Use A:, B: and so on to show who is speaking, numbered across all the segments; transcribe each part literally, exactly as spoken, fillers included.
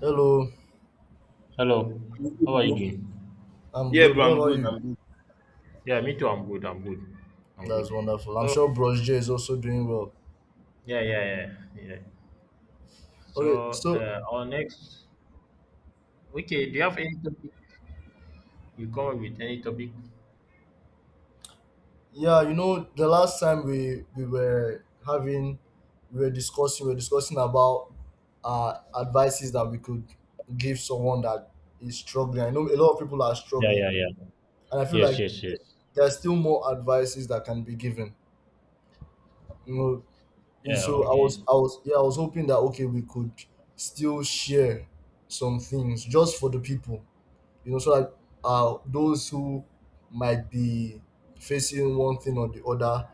A: Hello,
B: Hello, how are you doing?
A: I'm
C: Yeah,
A: good.
C: bro,
A: What
C: I'm
A: about
C: good.
A: you?
C: I'm good.
B: Yeah, me too. I'm good. I'm good. I'm good.
A: That's wonderful. I'm
B: So,
A: sure Bros J is also doing well.
B: yeah, yeah, yeah, yeah.
A: Okay,
B: So,
A: so
B: uh, our next. Okay, do you have any topic? You come up with any topic?
A: yeah, you know, the last time we we were having, we were discussing, we were discussing about uh advices that we could give someone that is struggling. I know a lot of people are
B: Yeah,
A: struggling,
B: yeah, yeah.
A: and I feel
B: Yes,
A: like
B: yes, yes.
A: there are still more advices that can be given. You know, and
B: Yeah.
A: so I
B: Okay.
A: was I was yeah I was hoping that okay we could still share some things just for the people you know, so that uh, those who might be facing one thing or the other,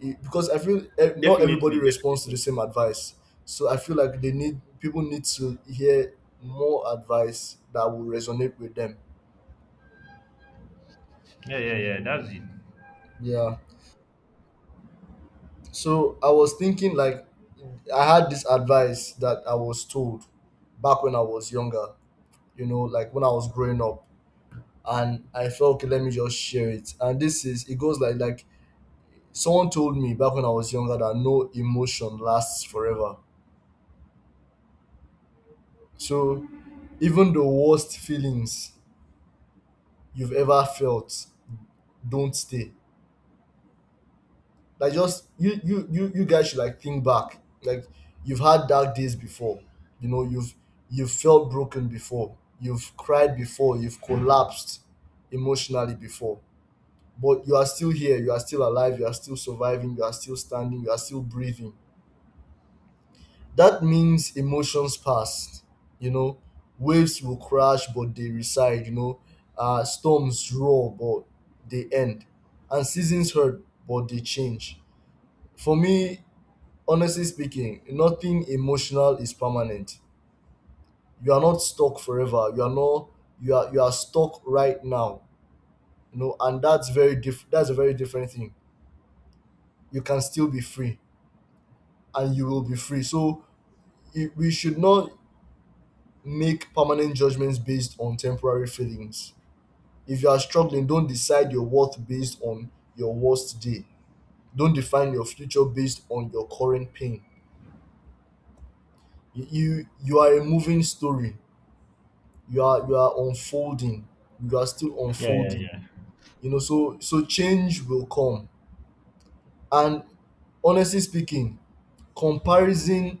A: it, because I feel eh, not everybody
C: Definitely,
A: responds to the
C: definitely.
A: same advice. So I feel like they need people need to hear more advice that will resonate with them.
B: Yeah, yeah, yeah. That's it.
A: Yeah. So I was thinking like I had this advice that I was told back when I was younger, you know, like when I was growing up. And I felt okay, let me just share it. And this is it goes like like Someone told me back when I was younger that no emotion lasts forever. So even the worst feelings you've ever felt don't stay. Like just you you you you guys should like think back. Like you've had dark days before. You know, you've you've felt broken before. You've cried before. You've collapsed emotionally before. But you are still here. You are still alive. You are still surviving. You are still standing. You are still breathing. That means emotions pass, you know, waves will crash but they reside, you know, uh, storms roar but they end, and seasons hurt but they change. For me, honestly speaking, nothing emotional is permanent. You are not stuck forever. You are not you are You are stuck right now. You know, and that's very diff- that's a very different thing. You can still be free and you will be free. So it, we should not make permanent judgments based on temporary feelings. If you are struggling, don't decide your worth based on your worst day. Don't define your future based on your current pain. You you, you are a moving story. You are you are unfolding. You are still
B: Yeah, yeah,
A: unfolding.
B: yeah.
A: You know, so so change will come. And honestly speaking, comparison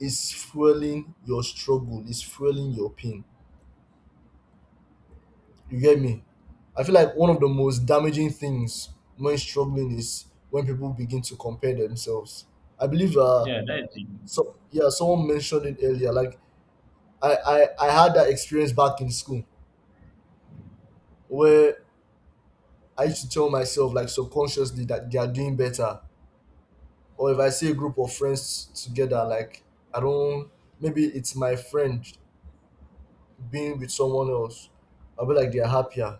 A: is fueling your struggle, is fueling your pain. You get me? I feel like one of the most damaging things when struggling is when people begin to compare themselves. I believe uh
B: Yeah, that's it.
A: so yeah, someone mentioned it earlier. Like I, I, I had that experience back in school where I used to tell myself like subconsciously that they are doing better. Or if I see a group of friends together, like I don't maybe it's my friend being with someone else. I'll be like they're happier.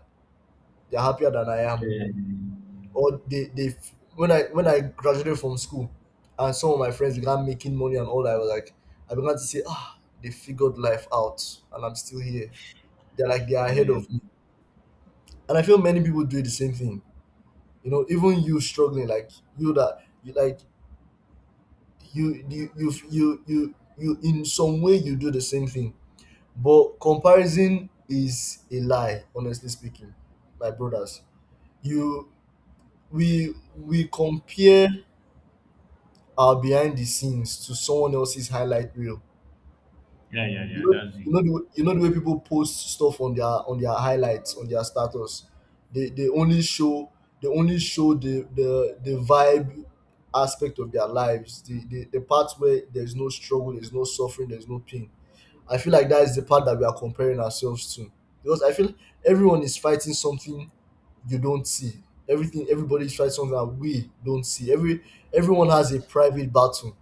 A: They're happier than I
B: Yeah,
A: am.
B: Yeah, yeah, yeah,
A: Or they they when I when I graduated from school and some of my friends began making money and all I was like I began to say ah they figured life out and I'm still here they're like they are ahead of me and I feel many people do the same thing you know even you struggling like you that you like you you you you you, you in some way you do the same thing but comparison is a lie honestly speaking my brothers you we we compare our behind the scenes to someone else's highlight reel.
B: yeah, yeah, yeah, yeah,
A: You know,
B: that's it.
A: you know the way, you know the way people post stuff on their on their highlights on their status. They they only show they only show the the the vibe aspect of their lives. The the, the part where there's no struggle, there's no suffering, there's no pain. I feel like that is the part that we are comparing ourselves to because I feel everyone is fighting something you don't see. Everything Everybody is fighting something that we don't see. Every everyone has a private battle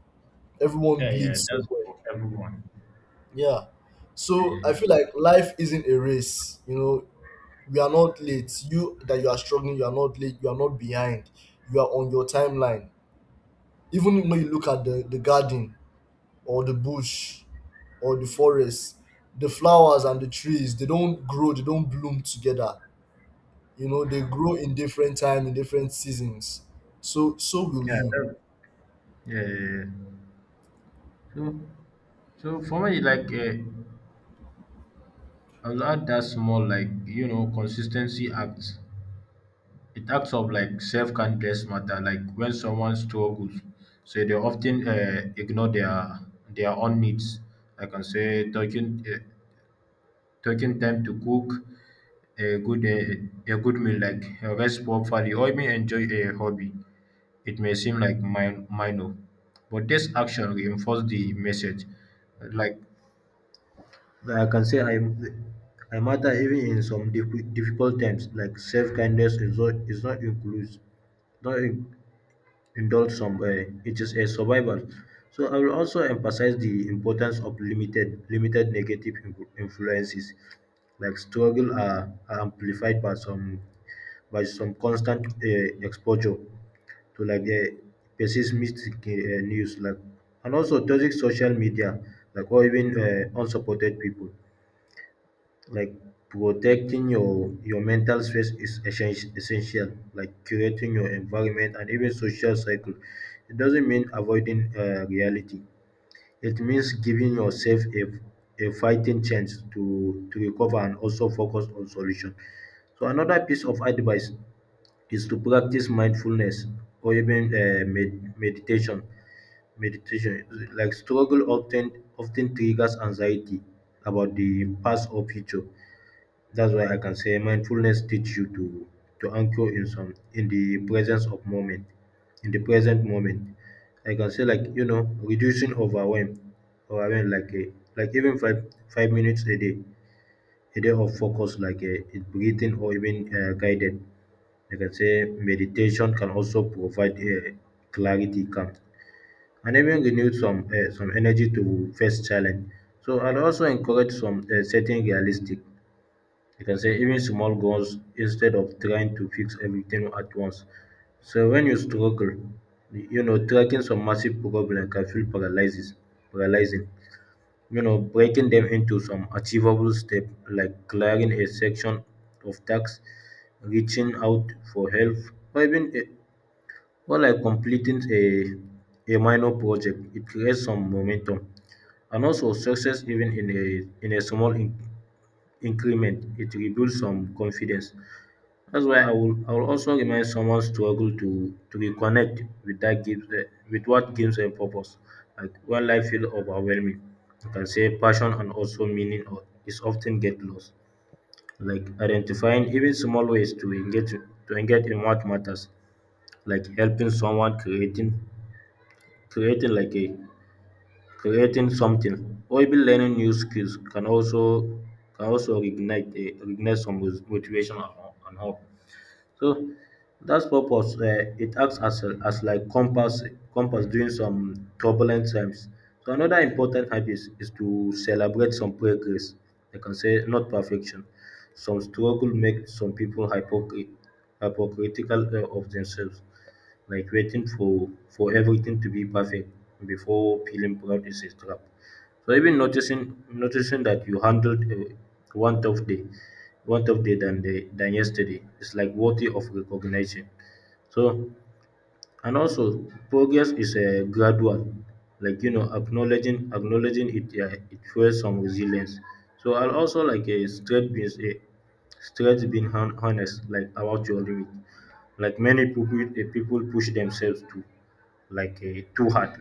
A: everyone
B: Yeah, yeah.
A: bleeds so
B: That's
A: well.
B: for everyone.
A: Yeah. So
B: Yeah,
A: I
B: yeah,
A: feel
B: yeah.
A: like life isn't a race. You know, we are not late. You that you are struggling, you are not late, you are not behind. You are on your timeline. Even when you look at the, the garden or the bush or the forest, the flowers and the trees, they don't grow, they don't bloom together. You know, they grow in different time, in different seasons. So so will
B: Yeah,
A: you.
B: that, yeah, yeah, yeah. So, so for me, like, uh, I'll add that small, like, you know, consistency acts. It acts of like self kindness matter. Like when someone struggles, so they often uh, ignore their their own needs. I can say taking uh, taking time to cook a good uh, a good meal, like uh, rest properly, or even enjoy a hobby. It may seem like min- minor, but this action reinforces the message. Like I can say I I matter even in some diffi- difficult times, like self kindness is not is not includes not in- indulge some uh, it is a survival. So I will also emphasize the importance of limited limited negative influ- influences, like struggle are, are amplified by some by some constant uh, exposure to, like, uh, pessimistic uh, news, like, and also toxic social media, like, or even uh, unsupported people, like protecting your your mental space is essen- essential, like curating your environment and even social cycle. It doesn't mean avoiding uh, reality; it means giving yourself a, a fighting chance to to recover and also focus on solution. So another piece of advice is to practice mindfulness, or even uh, med- meditation meditation like struggle often often triggers anxiety about the past or future. That's why I can say mindfulness teach you to to anchor in some, in the presence of moment, in the present moment. I can say, like, you know reducing overwhelm, overwhelm like a, like even five five minutes a day, a day of focus, like a breathing, or even uh, guided. I can say meditation can also provide uh, clarity, calm, and even renew some uh, some energy to face challenge. So I'd also encourage some, uh, setting realistic, you can say, even small goals, instead of trying to fix everything at once. So when you struggle, you know, tracking some massive problem can feel paralyzes, paralyzing. You know, breaking them into some achievable step, like clearing a section of tasks, reaching out for help, or even a, or like completing a, a minor project. It creates some momentum and also success, even in a in a small in- increment. It rebuilds some confidence. That's why I will I will also remind someone struggle to to reconnect with that gives eh, with what gives them purpose. Like when life feels overwhelming, you can say passion and also meaning o- is often get lost. Like identifying even small ways to engage to engage in what matters, like helping someone, creating creating like a creating something, or even learning new skills can also, can also reignite a, reignite some mos- motivation and and hope. So that's purpose. Uh, it acts as, a- as like compass compass during some turbulent times. So another important habit is, is to celebrate some progress. I can say, not perfection. Some struggle make some people hypocrit- hypocritical uh, of themselves, like waiting for for everything to be perfect before feeling proud is a trap. So even noticing noticing that you handled uh, one tough day, one tough day than the, than yesterday is like worthy of recognition. So, and also, progress is a gradual, like, you know acknowledging acknowledging it, yeah, it fuels some resilience. So I'll also, like, a straight being a straight being hon- honest, like about your limit, like many people, eh, people push themselves to, like, a too hard,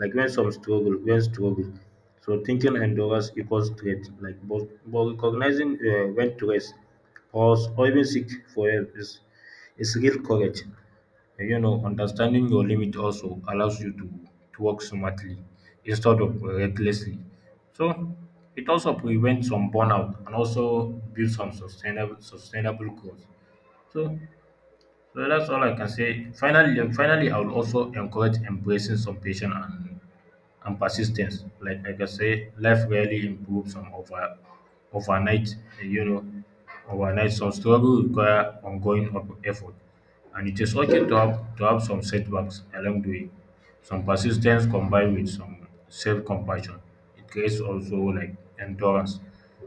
B: like when some struggle when struggle, so thinking endurance equals strength, like, but, but recognizing uh, when to rest, pause, or even seek for help is is real courage. You know, understanding your limit also allows you to, to work smartly instead of recklessly. So it also prevents some burnout and also builds some sustainable sustainable growth. So so that's all I can say. Finally finally, I will also encourage embracing some patience and and persistence. Like like I can say, life rarely improves from over overnight. You know, overnight. Some struggle require ongoing op- effort, and it is okay to have to have some setbacks along the way. Some persistence combined with some self-compassion, it creates also like endurance.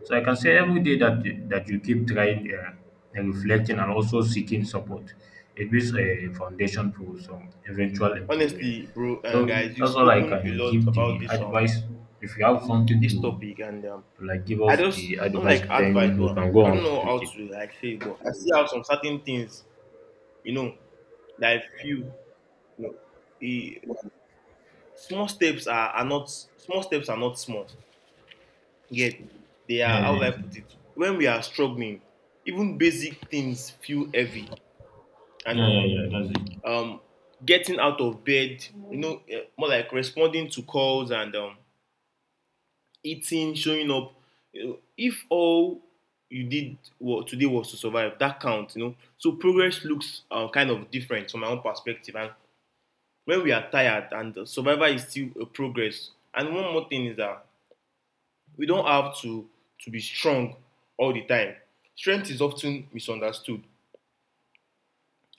B: So I can say every day that you- that you keep trying, uh, and reflecting, and also seeking support, it builds a foundation for some eventual improvement.
C: Honestly, bro, and
B: So
C: guys, you've
B: that's all I
C: spoken a
B: can
C: lot
B: give
C: about
B: the
C: this um
B: advice. If you have something to,
C: this topic, and um,
B: to, like, give
C: I
B: us
C: just
B: the
C: not
B: advice,
C: like advice,
B: then you
C: but
B: can go
C: I
B: on
C: don't know how
B: with it.
C: to like say, it, but I see how some certain things, you know, that I feel, you know, e- small steps are, are not small steps are not small. Yet they
B: Yeah,
C: are how would
B: yeah,
C: I put it? When we are struggling, even basic things feel heavy,
B: yeah,
C: and
B: yeah, yeah. That's it.
C: um, getting out of bed, you know, eh, more like responding to calls and um, eating, showing up. You know, if all you did today was to survive, that counts, you know. So progress looks uh, kind of different from my own perspective. And when we are tired, and uh, survival is still a progress. And one more thing is that we don't have to to be strong all the time. Strength is often misunderstood,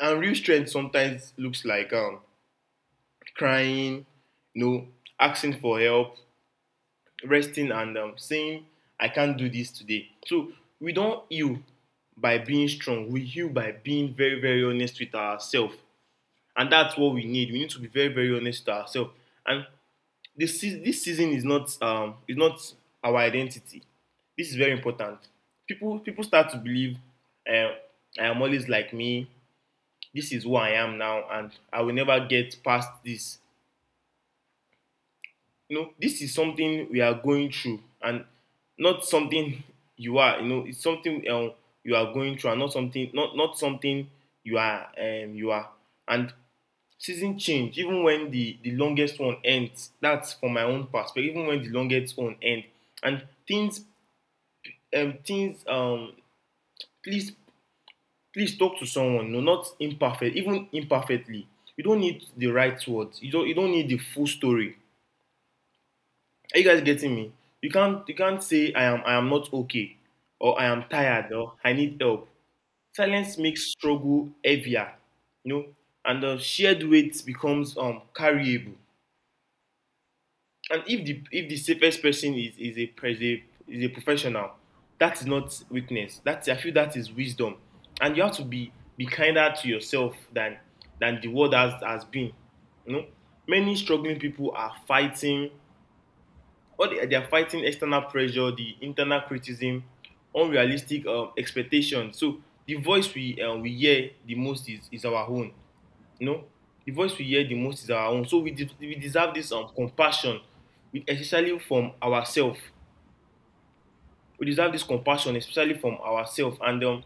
C: and real strength sometimes looks like um, crying, you know, asking for help, resting, and um, saying, I can't do this today. So we don't heal by being strong, we heal by being very, very honest with ourselves. And that's what we need. We need to be very, very honest with ourselves. And this, this season is not, um, is not our identity. This is very important. People, people start to believe uh, I am always like me. This is who I am now, and I will never get past this. You know, this is something we are going through and not something you are, you know, it's something um, you are going through and not something not not something you are um, you are and season change even when the the longest one ends, that's from my own perspective. Even when the longest one ends, and things um, things um, please please talk to someone, you know, not imperfect even imperfectly. You don't need the right words, you don't you don't need the full story. Are you guys getting me? You can't you can't say I am, I am not okay, or I am tired, or I need help. Silence makes struggle heavier, you know, and the shared weight becomes um carryable. And if the if the safest person is is a pres- a- is a professional, that is not weakness. That's, I feel, that is wisdom, and you have to be be kinder to yourself than than the world has has been. You know, many struggling people are fighting all they, they are fighting external pressure, the internal criticism, unrealistic um, expectations. So the voice we uh, we hear the most is, is our own. You know, the voice we hear the most is our own. So we de- we deserve this um, compassion, we, especially from ourselves. We deserve this compassion, especially from ourselves. And um,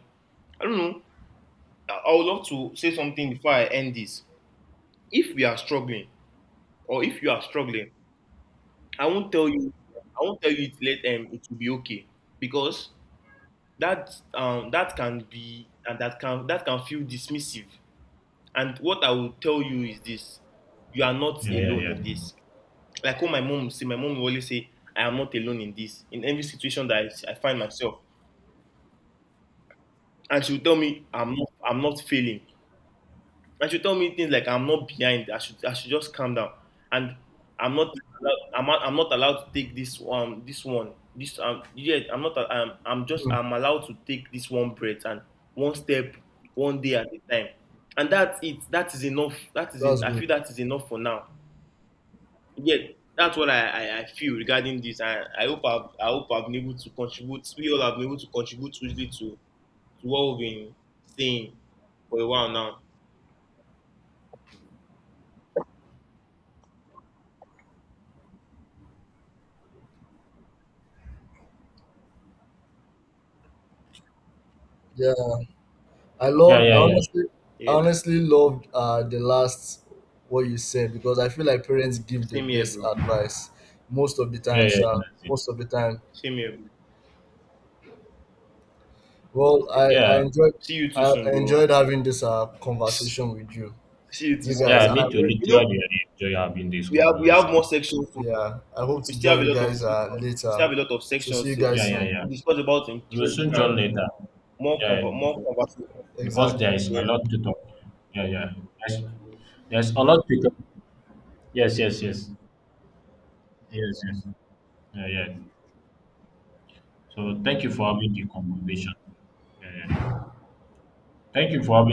C: I don't know. I I would love to say something before I end this. If we are struggling, or if you are struggling, I won't tell you. I won't tell you it, let um it will be okay, because that um, that can be, and that can that can feel dismissive. And what I will tell you is this: you are not
B: Yeah, yeah,
C: alone
B: yeah,
C: in this. Like what my mom would say, my mom will always say, "I am not alone in this." In every situation that I, I find myself, and she will tell me, "I'm not, I'm not failing." And she told me things like I'm not behind. I should I should just calm down. And I'm not allowed, I'm not, I'm not allowed to take this um this one this um yeah I'm not um I'm just
A: Hmm.
C: I'm allowed to take this one breath and one step one day at a time. And that's it. That is enough. That is in,
A: That's
C: I
A: good.
C: feel that is enough for now. Yeah, that's what I, I, I feel regarding this. And I hope I've, I hope I've been able to contribute. We all have been able to contribute hugely to to what we've been saying for a while now.
A: Yeah. I
B: yeah,
A: loved I
B: yeah, yeah,
A: honestly
C: Yeah,
A: honestly loved uh the last what you said because I feel like parents give the
C: same here,
A: best
C: bro.
A: advice most of the
B: yeah,
A: time,
B: yeah.
A: Sha.
B: That's it.
A: Most of the time.
C: Same here, bro.
A: Well, I, I
B: Yeah,
A: enjoyed
C: See you too
A: I
C: soon, bro.
A: enjoyed having this uh conversation with you,
C: See you too
A: you
C: soon,
A: guys,
B: yeah.
C: bro.
A: and I
B: Me too.
A: hope
C: You know,
B: Literally, I enjoy having this
C: we have we have
B: conversation.
C: more sections. So
A: yeah I hope
C: we
A: to
C: still have
A: join
C: a
A: you
C: lot of
A: guys uh
C: sections. We still
A: later.
C: have a lot of
A: So see
C: sections,
A: you
C: so
B: Yeah,
A: guys
B: yeah,
A: soon.
B: yeah.
C: to discuss about
B: We will soon
C: interesting and
B: join later.
C: more
B: Yeah,
C: conver- more conversation.
B: because there
A: Exactly.
B: is a
C: Yeah.
B: lot to talk. Yeah, yeah. There's, there's a lot to talk. Yes, yes, yes, yes, yes. Yeah, yeah. So thank you for having the conversation. Yeah, yeah. Thank you for